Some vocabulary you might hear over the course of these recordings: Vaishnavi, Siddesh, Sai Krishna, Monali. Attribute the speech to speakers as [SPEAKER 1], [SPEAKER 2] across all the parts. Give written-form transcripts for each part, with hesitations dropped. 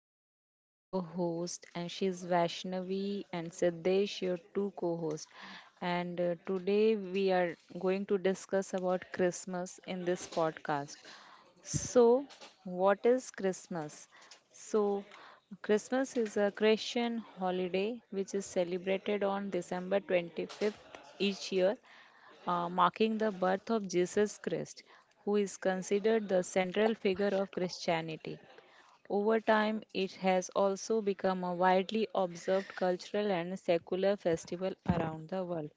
[SPEAKER 1] I'm Monali, your host, and she's Vaishnavi and Siddesh, your two co-hosts. And today we are going to discuss about Christmas in this podcast. So, what is Christmas? So, Christmas is a Christian holiday which is celebrated on December 25th each year marking the birth of Jesus Christ, who is considered the central figure of Christianity. Over time, it has also become a widely observed cultural and secular festival around the world.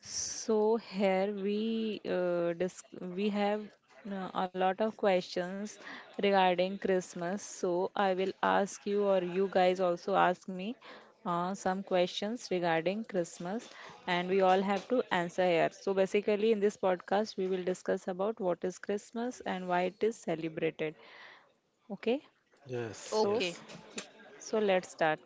[SPEAKER 1] So here we have a lot of questions regarding Christmas. So I will ask you, or you guys also ask me, some questions regarding Christmas, and we all have to answer here. So basically, in this podcast, we will discuss about what is Christmas and why it is celebrated. Okay,
[SPEAKER 2] Yes,
[SPEAKER 1] so
[SPEAKER 3] Okay,
[SPEAKER 2] yes.
[SPEAKER 1] so let's start.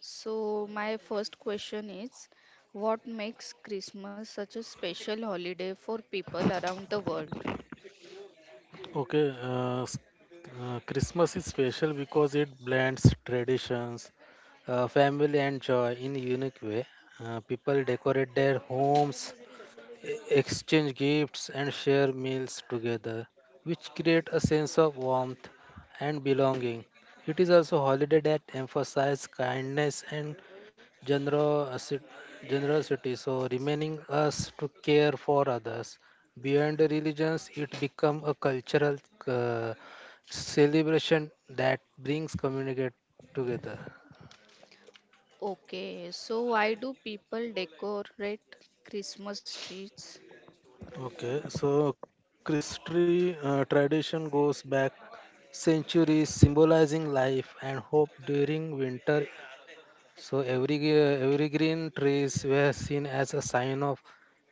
[SPEAKER 3] so my first question is what makes Christmas such a special holiday for people around the world?
[SPEAKER 2] Okay, Christmas is special because it blends traditions, family, and joy in a unique way. People decorate their homes, exchange gifts, and share meals together, which create a sense of warmth and belonging. It is also a holiday that emphasizes kindness and generosity, generosity, so remaining us to care for others beyond the religions. It become a cultural uh, celebration that brings communicate together.
[SPEAKER 3] Okay, so why do people decorate Christmas trees?
[SPEAKER 2] Okay, so Christmas tree tradition goes back centuries, symbolizing life and hope during winter. So every every green trees were seen as a sign of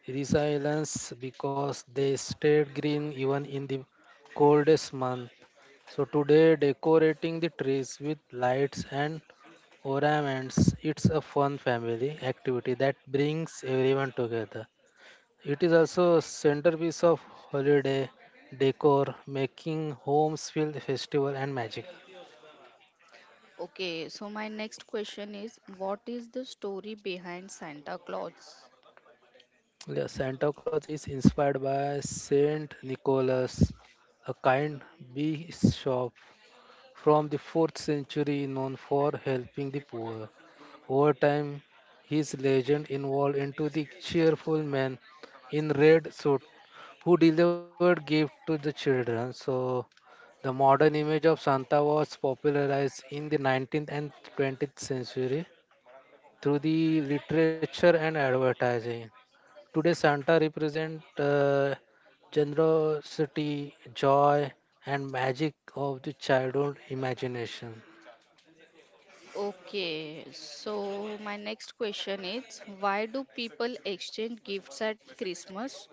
[SPEAKER 2] resilience because they stayed green even in the coldest month. So today, decorating the trees with lights and ornaments, it's a fun family activity that brings everyone together. It is also a centerpiece of holiday decor, making homes feel festival and magic.
[SPEAKER 3] Okay, so my next question is what is the story behind Santa Claus?
[SPEAKER 2] Yeah, Santa Claus is inspired by Saint Nicholas, a kind bishop from the 4th century, known for helping the poor. Over time, his legend evolved into the cheerful man in red suit who delivered gifts to the children. So the modern image of Santa was popularized in the 19th and 20th century through the literature and advertising. Today, Santa represents generosity, joy, and magic of the childhood imagination.
[SPEAKER 3] Okay, so my next question is why do people exchange gifts at Christmas?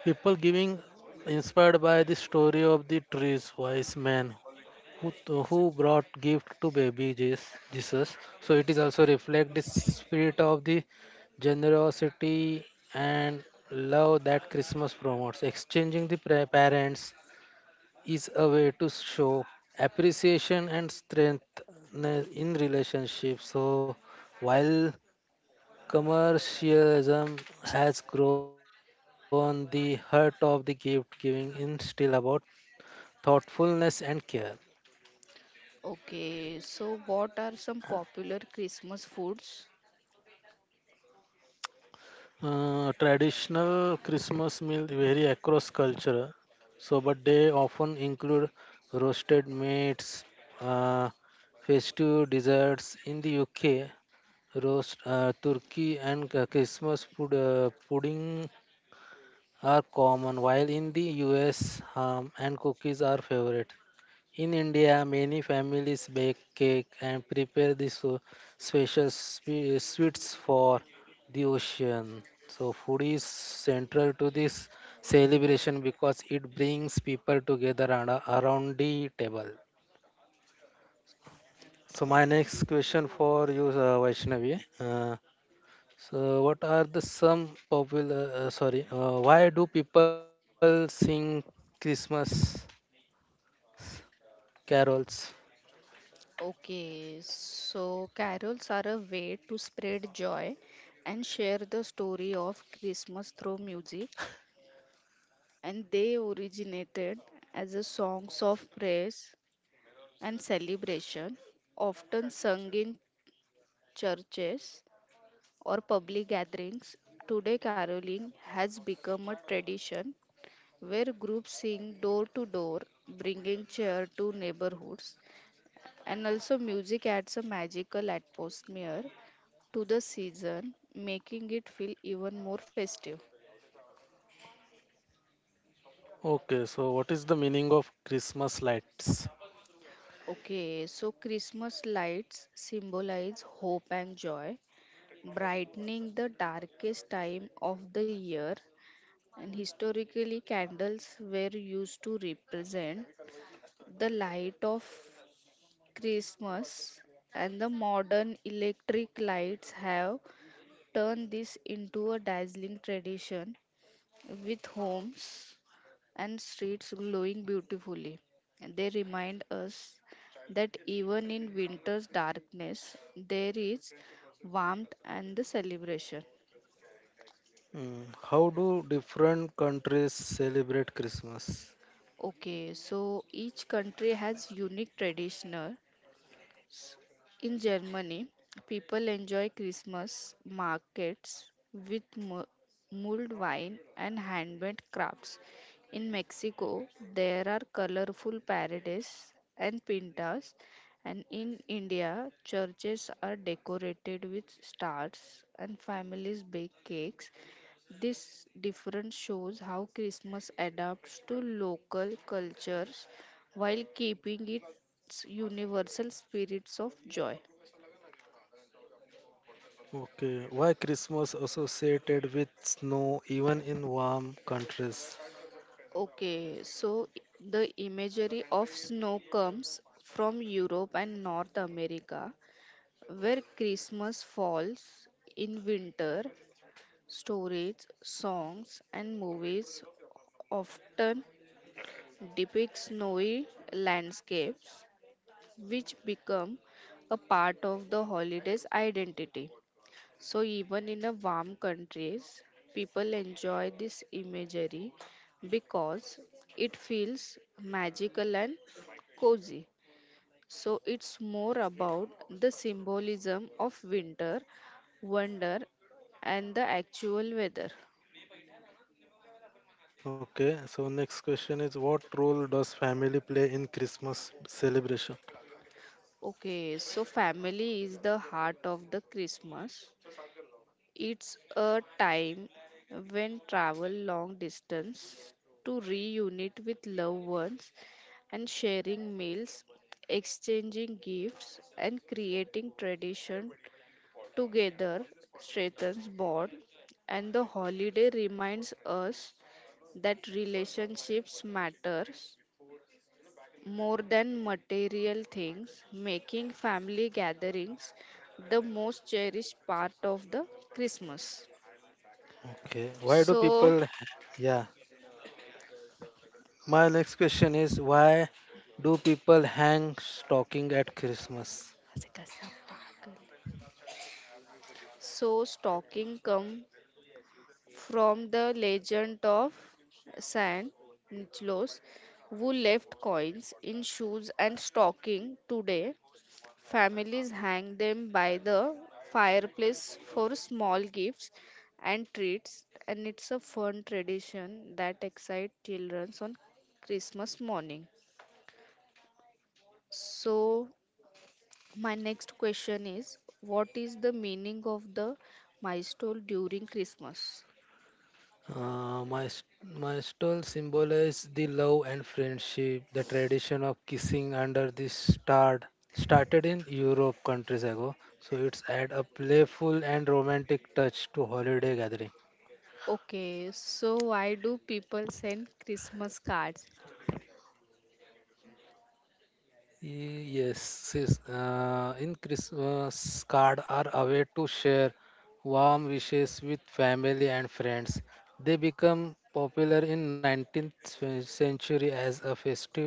[SPEAKER 2] People giving inspired by the story of the trees, wise men who, who brought gift to baby Jesus. So it is also reflect the spirit of the generosity and love that Christmas promotes. Exchanging the parents is a way to show appreciation and strength in relationships. So while commercialism has grown, the heart of the gift giving is still about thoughtfulness and care.
[SPEAKER 3] Okay, so what are some popular Christmas foods?
[SPEAKER 2] Traditional Christmas meal vary across culture, so but they often include roasted meats, uh, festive desserts. In the UK, roast turkey and Christmas pudding are common, while in the US, ham and cookies are favorite. In India, many families bake cake and prepare the special sweets for the occasion. So food is central to this celebration because it brings people together around the table. So my next question for you, Vaishnavi. So what are the some popular? Why do people sing Christmas carols?
[SPEAKER 3] Okay, so carols are a way to spread joy and share the story of Christmas through music, and they originated as a songs of praise and celebration, often sung in churches or public gatherings. Today, caroling has become a tradition where groups sing door to door, bringing cheer to neighborhoods. And also, music adds a magical atmosphere to the season, making it feel even more festive.
[SPEAKER 2] Okay, so what is the meaning of Christmas lights?
[SPEAKER 3] Okay, so Christmas lights symbolize hope and joy, brightening the darkest time of the year. And historically, candles were used to represent the light of Christmas, and the modern electric lights have turned this into a dazzling tradition with homes and streets glowing beautifully. They remind us that even in winter's darkness, there is warmth and the celebration.
[SPEAKER 2] Mm, how do different countries celebrate Christmas?
[SPEAKER 3] Okay, so each country has unique traditional. In Germany, people enjoy Christmas markets with mulled wine and handmade crafts. In Mexico, there are colorful parades and pintas, and in India, churches are decorated with stars and families bake cakes. This difference shows how Christmas adapts to local cultures while keeping it its universal spirits of joy.
[SPEAKER 2] Okay, why Christmas associated with snow even in warm countries?
[SPEAKER 3] Okay, so the imagery of snow comes from Europe and North America, where Christmas falls in winter. Stories, songs, and movies often depict snowy landscapes, which become a part of the holiday's identity. So even in the warm countries, people enjoy this imagery because it feels magical and cozy. So it's more about the symbolism of winter, wonder, and the actual weather.
[SPEAKER 2] Okay, so next question is, what role does family play in Christmas celebration?
[SPEAKER 3] Okay, so family is the heart of the Christmas. It's a time when travel long distance to reunite with loved ones and sharing meals, exchanging gifts, and creating tradition together strengthens bond. And the holiday reminds us that relationships matters more than material things, making family gatherings the most cherished part of the Christmas.
[SPEAKER 2] Okay,
[SPEAKER 3] So,
[SPEAKER 2] yeah, my next question is, why do people hang stocking at Christmas?
[SPEAKER 3] so stocking come from the legend of San Nicholas, who left coins in shoes and stocking. Today, families hang them by the fireplace for small gifts and treats, and it's a fun tradition that excites children on Christmas morning. So, my next question is, what is the meaning of the milestone during Christmas?
[SPEAKER 2] Uh, my s- my stole symbolizes the love and friendship. The tradition of kissing under the star started in Europe countries ago, so it's add a playful and romantic touch to holiday gathering.
[SPEAKER 3] Okay, so why do people send Christmas cards?
[SPEAKER 2] Yes, sis. In Christmas, cards are a way to share warm wishes with family and friends. They become popular in 19th century as a festive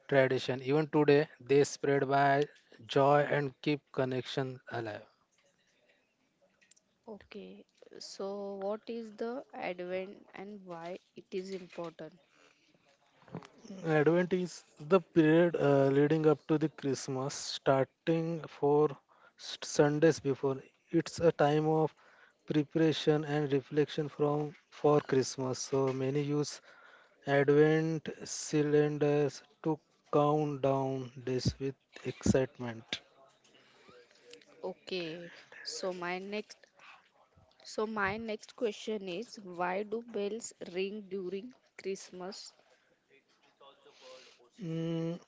[SPEAKER 2] tradition. Even today, they spread by joy and keep connection alive.
[SPEAKER 3] Okay, so what is the advent and why it is important?
[SPEAKER 2] Advent is the period leading up to the Christmas, starting for Sundays before. It's a time of preparation and reflection from for Christmas. So many use advent cylinders to count down days with excitement.
[SPEAKER 3] Okay, so my next so my next question is why do bells ring during Christmas?
[SPEAKER 2] Mm,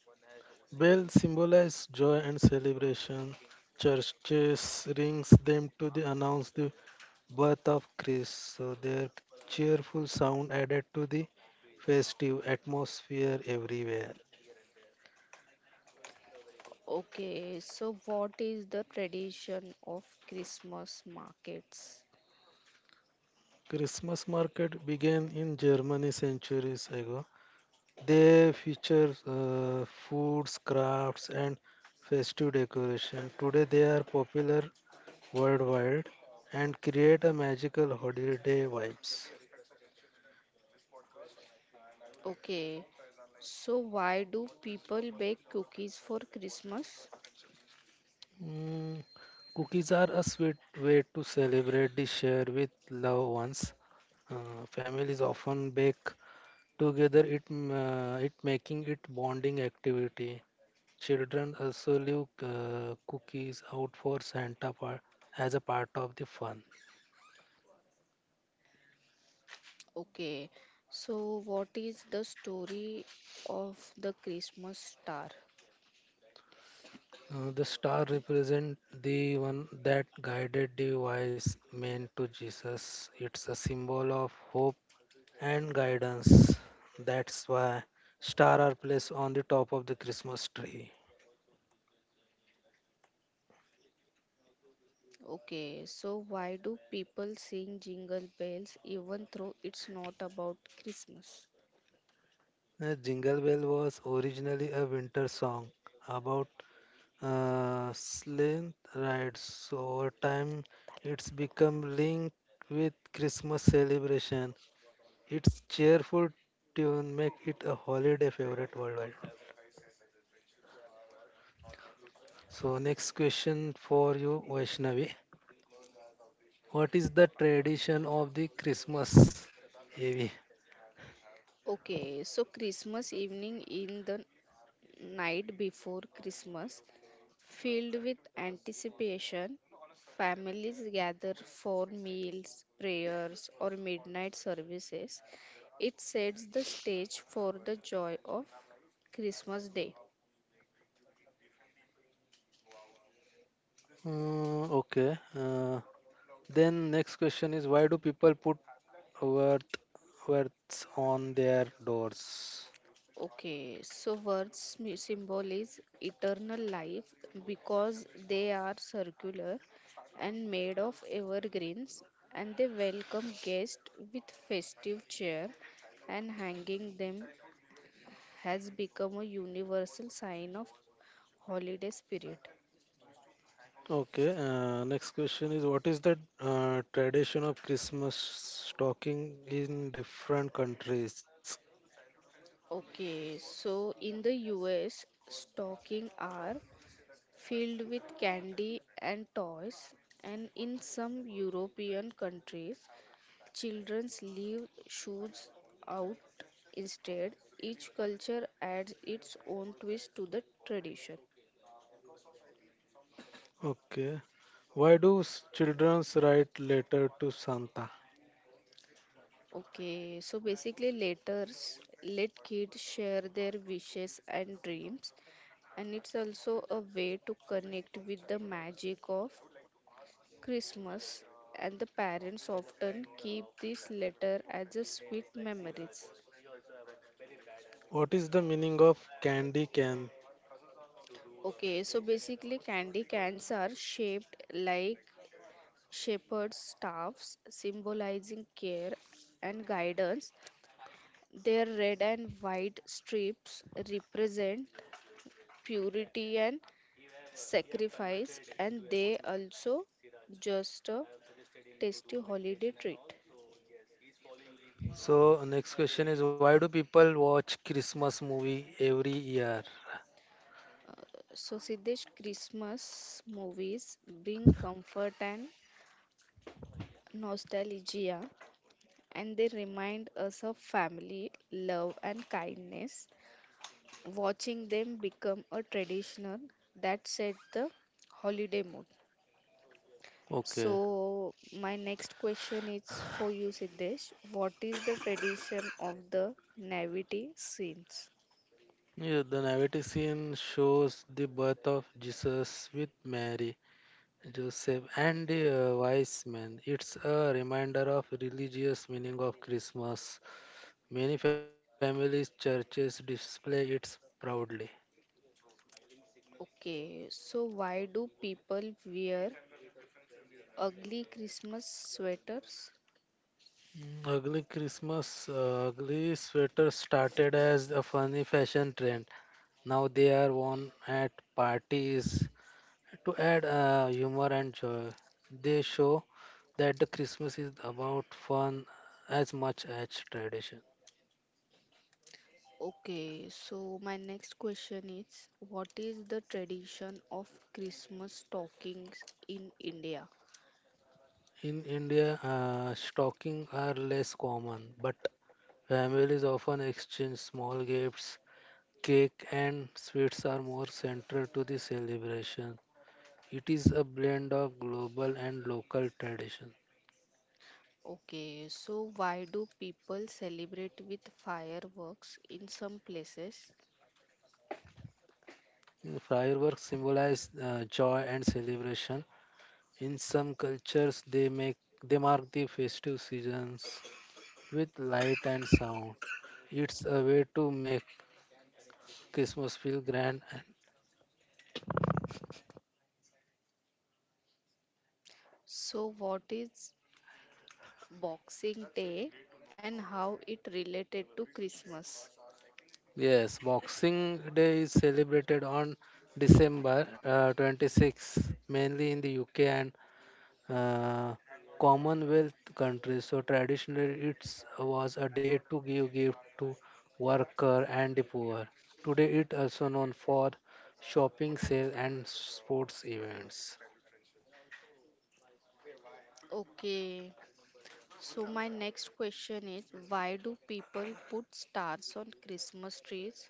[SPEAKER 2] bells symbolize joy and celebration. Churches rings them to the announce the birth of Christ. So their cheerful sound added to the festive atmosphere everywhere.
[SPEAKER 3] Okay, so what is the tradition of Christmas markets?
[SPEAKER 2] Christmas market began in Germany centuries ago. They feature foods, crafts, and festive decoration. Today, they are popular worldwide and create a magical holiday vibes.
[SPEAKER 3] Okay, so why do people bake cookies for Christmas?
[SPEAKER 2] Mm, cookies are a sweet way to celebrate the share with loved ones. Families often bake together, it making it bonding activity. Children also leave cookies out for Santa part as a part of the fun.
[SPEAKER 3] Okay, so what is the story of the Christmas star?
[SPEAKER 2] The star represents the one that guided the wise men to Jesus. It's a symbol of hope and guidance. That's why stars are placed on the top of the Christmas tree.
[SPEAKER 3] Okay, so why do people sing jingle bells even though it's not about Christmas?
[SPEAKER 2] Jingle Bell was originally a winter song about sleigh rides. So over time, it's become linked with Christmas celebration. Its cheerful tune make it a holiday favorite worldwide. So next question for you, Vaishnavi. What is the tradition of the Christmas? Avi.
[SPEAKER 3] Okay, so Christmas evening in the night before Christmas, filled with anticipation. Families gather for meals, prayers, or midnight services. It sets the stage for the joy of Christmas Day.
[SPEAKER 2] Mm, okay. Then next question is, why do people put worth words on their doors?
[SPEAKER 3] Okay, so words symbol is eternal life because they are circular and made of evergreens, and they welcome guests with festive cheer, and hanging them has become a universal sign of holiday spirit.
[SPEAKER 2] Okay. Next question is, what is the tradition of Christmas stocking in different countries?
[SPEAKER 3] Okay, so in the US, stocking are filled with candy and toys, and in some European countries, childrens leave shoes out instead. Each culture adds its own twist to the tradition.
[SPEAKER 2] Okay. Why do children write letter to Santa?
[SPEAKER 3] Okay, so basically, letters let kids share their wishes and dreams, and it's also a way to connect with the magic of Christmas. And the parents often keep this letter as a sweet memories.
[SPEAKER 2] What is the meaning of candy cane?
[SPEAKER 3] Okay, so basically, candy cans are shaped like shepherd's staffs, symbolizing care and guidance. Their red and white strips represent purity and sacrifice, and they also just a tasty holiday treat.
[SPEAKER 2] So next question is, why do people watch Christmas movie every year?
[SPEAKER 3] So, Siddesh, Christmas movies bring comfort and nostalgia, and they remind us of family, love, and kindness. Watching them become a traditional that set the holiday mood.
[SPEAKER 2] Okay.
[SPEAKER 3] So, my next question is for you, Siddesh. What is the tradition of the nativity scenes?
[SPEAKER 2] Yeah, the nativity scene shows the birth of Jesus with Mary, Joseph, and the wise men. It's a reminder of religious meaning of Christmas. Many families, churches display it proudly.
[SPEAKER 3] Okay, so why do people wear Ugly Christmas sweaters.
[SPEAKER 2] Mm, ugly sweaters started as a funny fashion trend. Now they are worn at parties. To add humor and joy, they show that the Christmas is about fun as much as tradition.
[SPEAKER 3] Okay, so my next question is what is the tradition of Christmas stockings in India?
[SPEAKER 2] In India, stockings are less common, but families often exchange small gifts. Cake and sweets are more central to the celebration. It is a blend of global and local tradition.
[SPEAKER 3] Okay, so why do people celebrate with fireworks in some places?
[SPEAKER 2] Mm, fireworks symbolize joy and celebration. In some cultures, they mark the festive seasons with light and sound. It's a way to make Christmas feel grand. And
[SPEAKER 3] So what is Boxing Day and how it related to Christmas?
[SPEAKER 2] yes, Boxing Day is celebrated on December 26th, mainly in the UK and uh, Commonwealth countries. So traditionally, it was a day to give gift to worker and the poor. Today, it also known for shopping sale and sports events.
[SPEAKER 3] Okay, so my next question is why do people put stars on Christmas trees?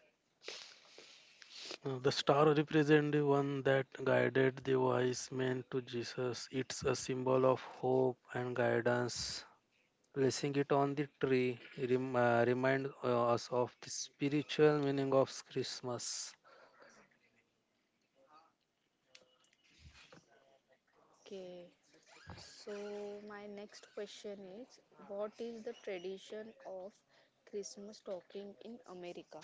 [SPEAKER 2] The star represents the one that guided the wise men to Jesus. It's a symbol of hope and guidance. Placing it on the tree reminds us of the spiritual meaning of Christmas.
[SPEAKER 3] Okay, so, my next question is, what is the tradition of Christmas talking in America?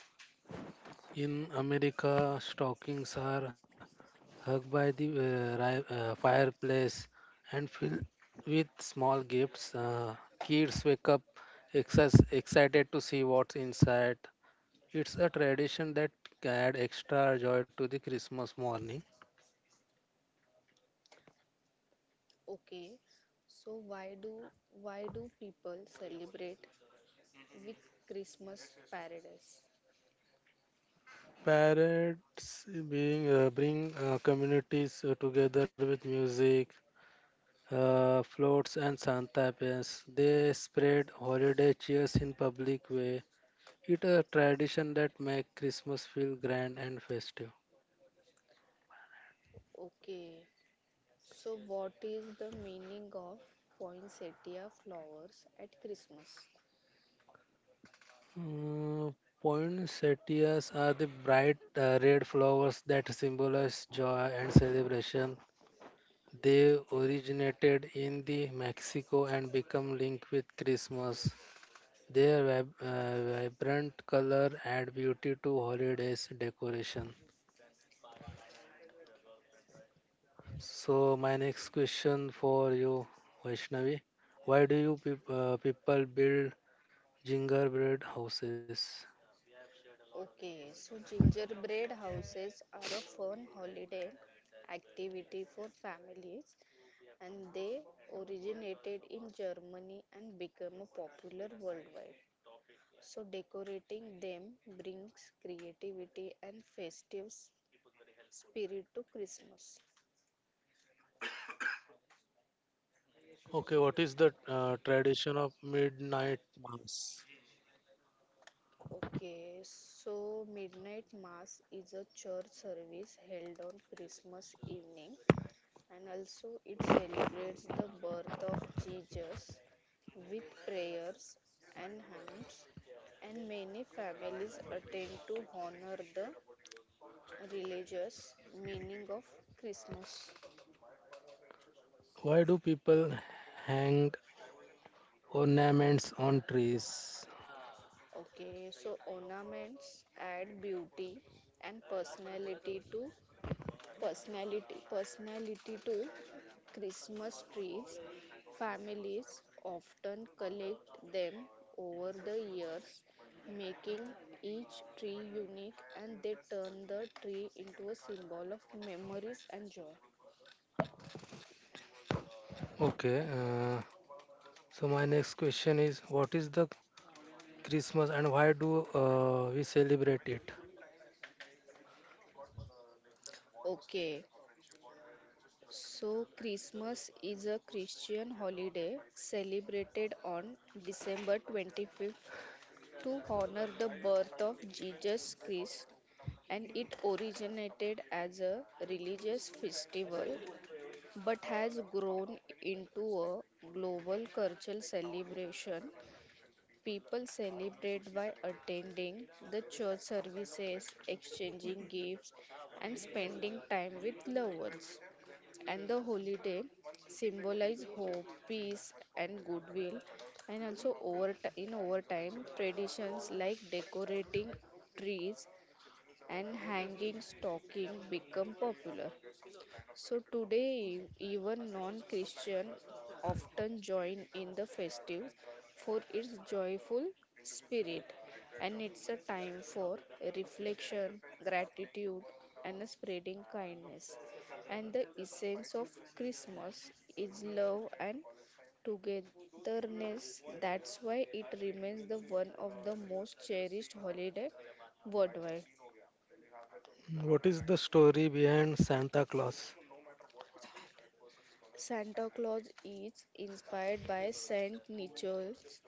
[SPEAKER 2] In America, stockings are hung by the fireplace and filled with small gifts. Kids wake up excited to see what's inside. It's a tradition that add extra joy to the Christmas morning.
[SPEAKER 3] Okay, so why do people celebrate with Christmas paradise?
[SPEAKER 2] Parades being bring communities together with music, floats, and Santa pens. They spread holiday cheers in public way. It's a tradition that make Christmas feel grand and festive.
[SPEAKER 3] Okay, so what is the meaning of poinsettia flowers at Christmas?
[SPEAKER 2] Uh, poinsettias are the bright red flowers that symbolize joy and celebration. They originated in the Mexico and become linked with Christmas. Their vibrant color add beauty to holidays decoration. So my next question for you, Vaishnavi: why do people build gingerbread houses?
[SPEAKER 3] Okay, so gingerbread houses are a fun holiday activity for families and they originated in Germany and became a popular worldwide. So decorating them brings creativity and festive spirit to Christmas.
[SPEAKER 2] Okay, what is the tradition of midnight mass?
[SPEAKER 3] Okay, so midnight mass is a church service held on Christmas evening, and also it celebrates the birth of Jesus with prayers and hymns, and many families attend to honor the religious meaning of Christmas.
[SPEAKER 2] Why do people hang ornaments on trees?
[SPEAKER 3] Okay, so ornaments add beauty and personality to personality to Christmas trees. Families often collect them over the years, making each tree unique, and they turn the tree into a symbol of memories and joy.
[SPEAKER 2] Okay, so my next question is, what is the Christmas, and why do we celebrate it?
[SPEAKER 3] Okay. So, Christmas is a Christian holiday celebrated on December 25th to honor the birth of Jesus Christ, and it originated as a religious festival but has grown into a global cultural celebration. People celebrate by attending the church services, exchanging gifts, and spending time with loved ones. And the holiday symbolize hope, peace, and goodwill. And also, over ti- in overtime, traditions like decorating trees and hanging stocking become popular. So today, even non-Christian often join in the festives for its joyful spirit, and it's a time for reflection, gratitude, and the spreading kindness. And the essence of Christmas is love and togetherness. That's why it remains the one of the most cherished holiday worldwide.
[SPEAKER 2] What is the story behind Santa Claus?
[SPEAKER 3] Santa Claus is inspired by Saint Nicholas,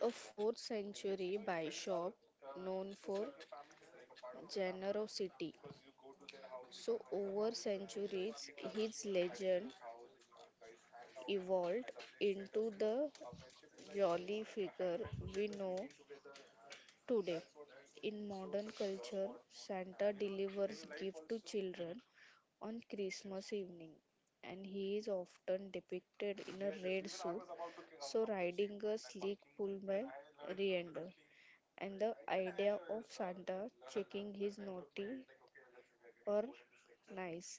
[SPEAKER 3] a 4th century bishop known for generosity. So, over centuries, his legend evolved into the jolly figure we know today. In modern culture, Santa delivers gifts to children on Christmas evening, and he is often depicted in a red suit, so riding a sleek pullman rear-ender, and the idea of Santa checking his naughty or nice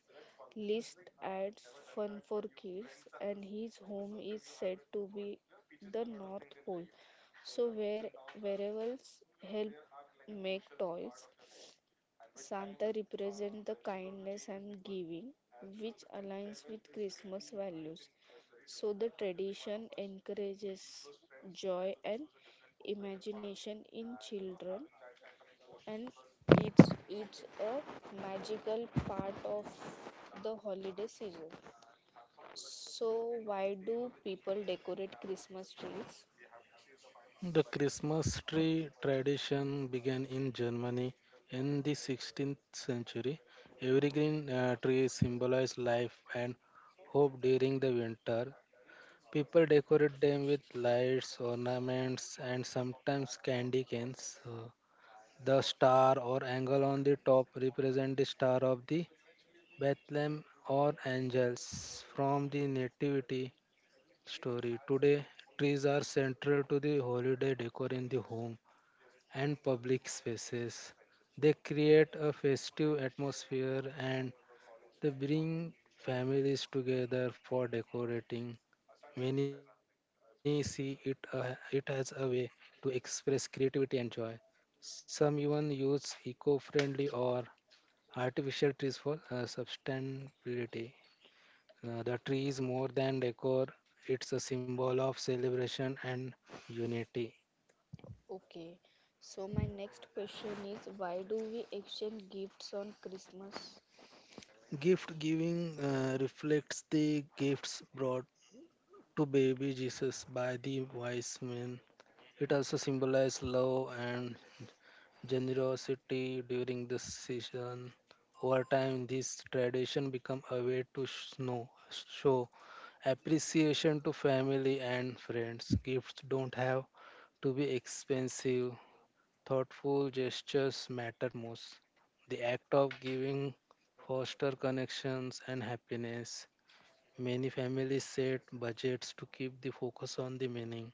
[SPEAKER 3] list adds fun for kids, and his home is said to be the North Pole, so where werewolves help make toys. Santa represents the kindness and giving, which aligns with Christmas values. So the tradition encourages joy and imagination in children, and it's a magical part of the holiday season. So why do people decorate Christmas trees?
[SPEAKER 2] The Christmas tree tradition began in Germany in the 16th century. Every green tree symbolizes life and hope during the winter. People decorate them with lights, ornaments, and sometimes candy canes. The star or angle on the top represents the star of the Bethlehem or angels from the nativity story. Today, trees are central to the holiday decor in the home and public spaces. They create a festive atmosphere, and they bring families together for decorating. Many see it as a way to express creativity and joy. Some even use eco friendly or artificial trees for sustainability. The tree is more than decor, it's a symbol of celebration and unity.
[SPEAKER 3] Okay. So my next question is why do we exchange gifts on Christmas?
[SPEAKER 2] Gift giving reflects the gifts brought to baby Jesus by the wise men. It also symbolizes love and generosity during the season. Over time, this tradition become a way to show appreciation to family and friends. Gifts don't have to be expensive. Thoughtful gestures matter most. The act of giving foster connections and happiness. Many families set budgets to keep the focus on the meaning,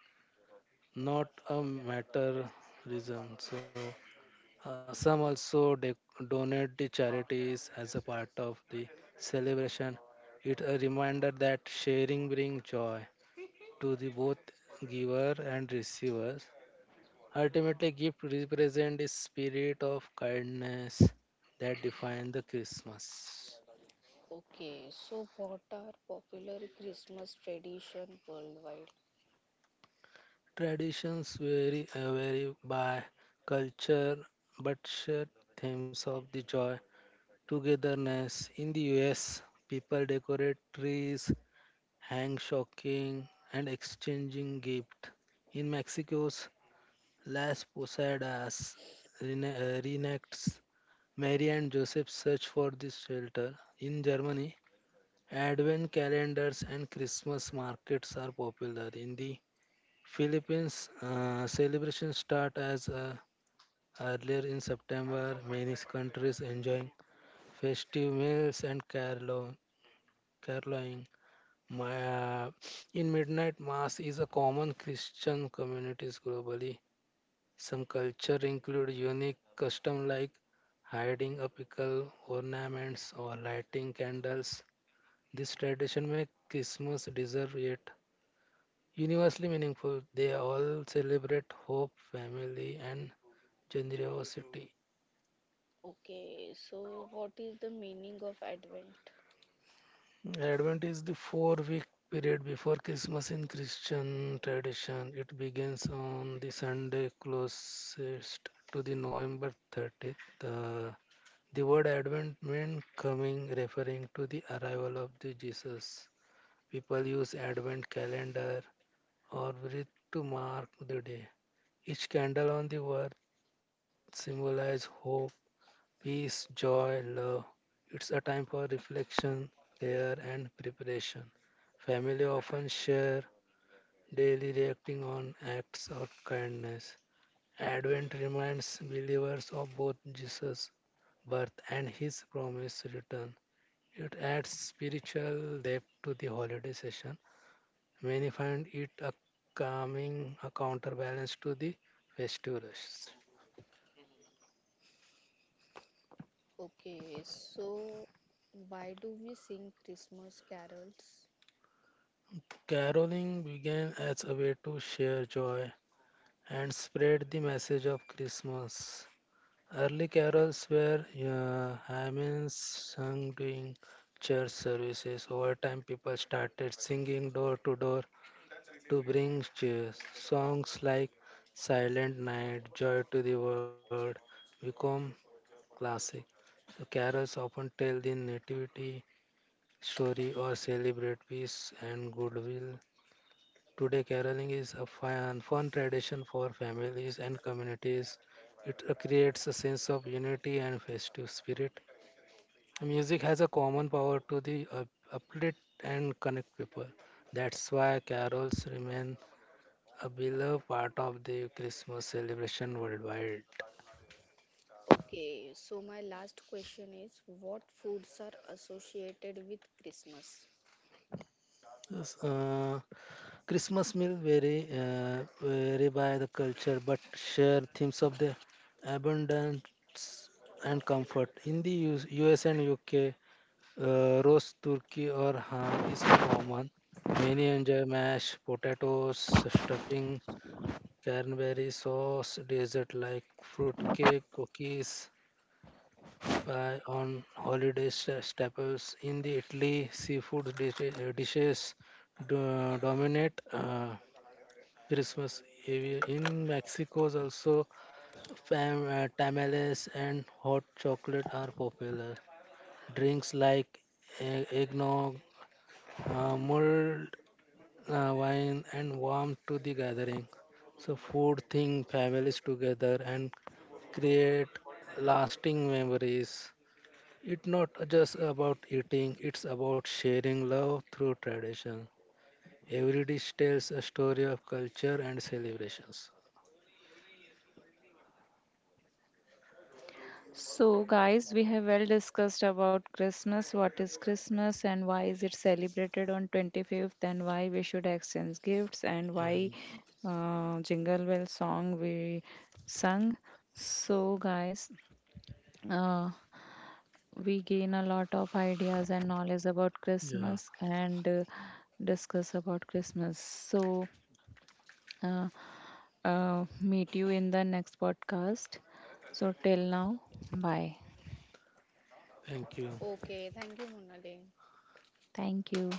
[SPEAKER 2] not a materialism. So some also donate the charities as a part of the celebration. It's a reminder that sharing brings joy to the both giver and receivers. Ultimately, gift represent the spirit of kindness that defines the Christmas.
[SPEAKER 3] Okay, so what are popular Christmas tradition worldwide?
[SPEAKER 2] Traditions vary by culture, but share themes of the joy, togetherness. In the US, people decorate trees, hang shocking, and exchanging gifts. In Mexico's Las Posadas reenacts Mary and Joseph's search for the shelter. In Germany, Advent calendars and Christmas markets are popular. In the Philippines, celebrations start as earlier in September. Many countries enjoying festive meals and caroling. My, uh, in midnight mass is a common Christian communities globally. Some culture include unique custom like hiding a pickle, ornaments, or lighting candles. This tradition makes Christmas deserve yet universally meaningful. They all celebrate hope, family, and generosity.
[SPEAKER 3] Okay, so what is the meaning of Advent?
[SPEAKER 2] Advent is the 4-week period before Christmas in Christian tradition. It begins on the Sunday closest to the November 30th. The word Advent meant coming, referring to the arrival of the Jesus. People use Advent calendar or wreath to mark the day. Each candle on the wreath symbolizes hope, peace, joy, love. It's a time for reflection, prayer, and preparation. Family often share daily reacting on acts of kindness. Advent reminds believers of both Jesus' birth and his promised return. It adds spiritual depth to the holiday session. Many find it a calming a counterbalance to the festive rush.
[SPEAKER 3] Okay, so why do we sing Christmas carols?
[SPEAKER 2] Caroling began as a way to share joy and spread the message of Christmas. Early carols were hymns sung during church services. Over time, people started singing door to door to bring cheer. Songs like Silent Night, Joy to the World become classic. So carols often tell the nativity story or celebrate peace and goodwill. Today, caroling is a fun tradition for families and communities. It creates a sense of unity and festive spirit. Music has a common power to the uplift and connect people. That's why carols remain a beloved part of the Christmas celebration worldwide.
[SPEAKER 3] Okay, so my last question is what foods are associated with Christmas?
[SPEAKER 2] Yes, Christmas meal vary by the culture, but share themes of the abundance and comfort. In the US and UK, roast turkey or ham is common. Many enjoy mashed potatoes, stuffing, cranberry sauce, dessert like fruitcake, cookies, pie on holiday staples. In the Italy, do, dominate. Christmas Eve in Mexico is also tamales and hot chocolate are popular. Drinks like eggnog, mulled wine, and warm to the gathering. So food thing families together and create lasting memories. It's not just about eating; it's about sharing love through tradition. Every dish tells a story of culture and celebrations.
[SPEAKER 1] So, guys, we have well discussed about Christmas, what is Christmas and why is it celebrated on 25th, and why we should exchange gifts, and
[SPEAKER 2] Yeah.
[SPEAKER 1] why Jingle Bell song we sung. So, guys, uh, we gain a lot of ideas and knowledge about
[SPEAKER 2] Yeah.
[SPEAKER 1] Christmas and discuss about Christmas. So, uh, meet you in the next podcast. So, till now, bye.
[SPEAKER 2] Thank you.
[SPEAKER 3] Okay, thank you, Monali.
[SPEAKER 1] Thank you.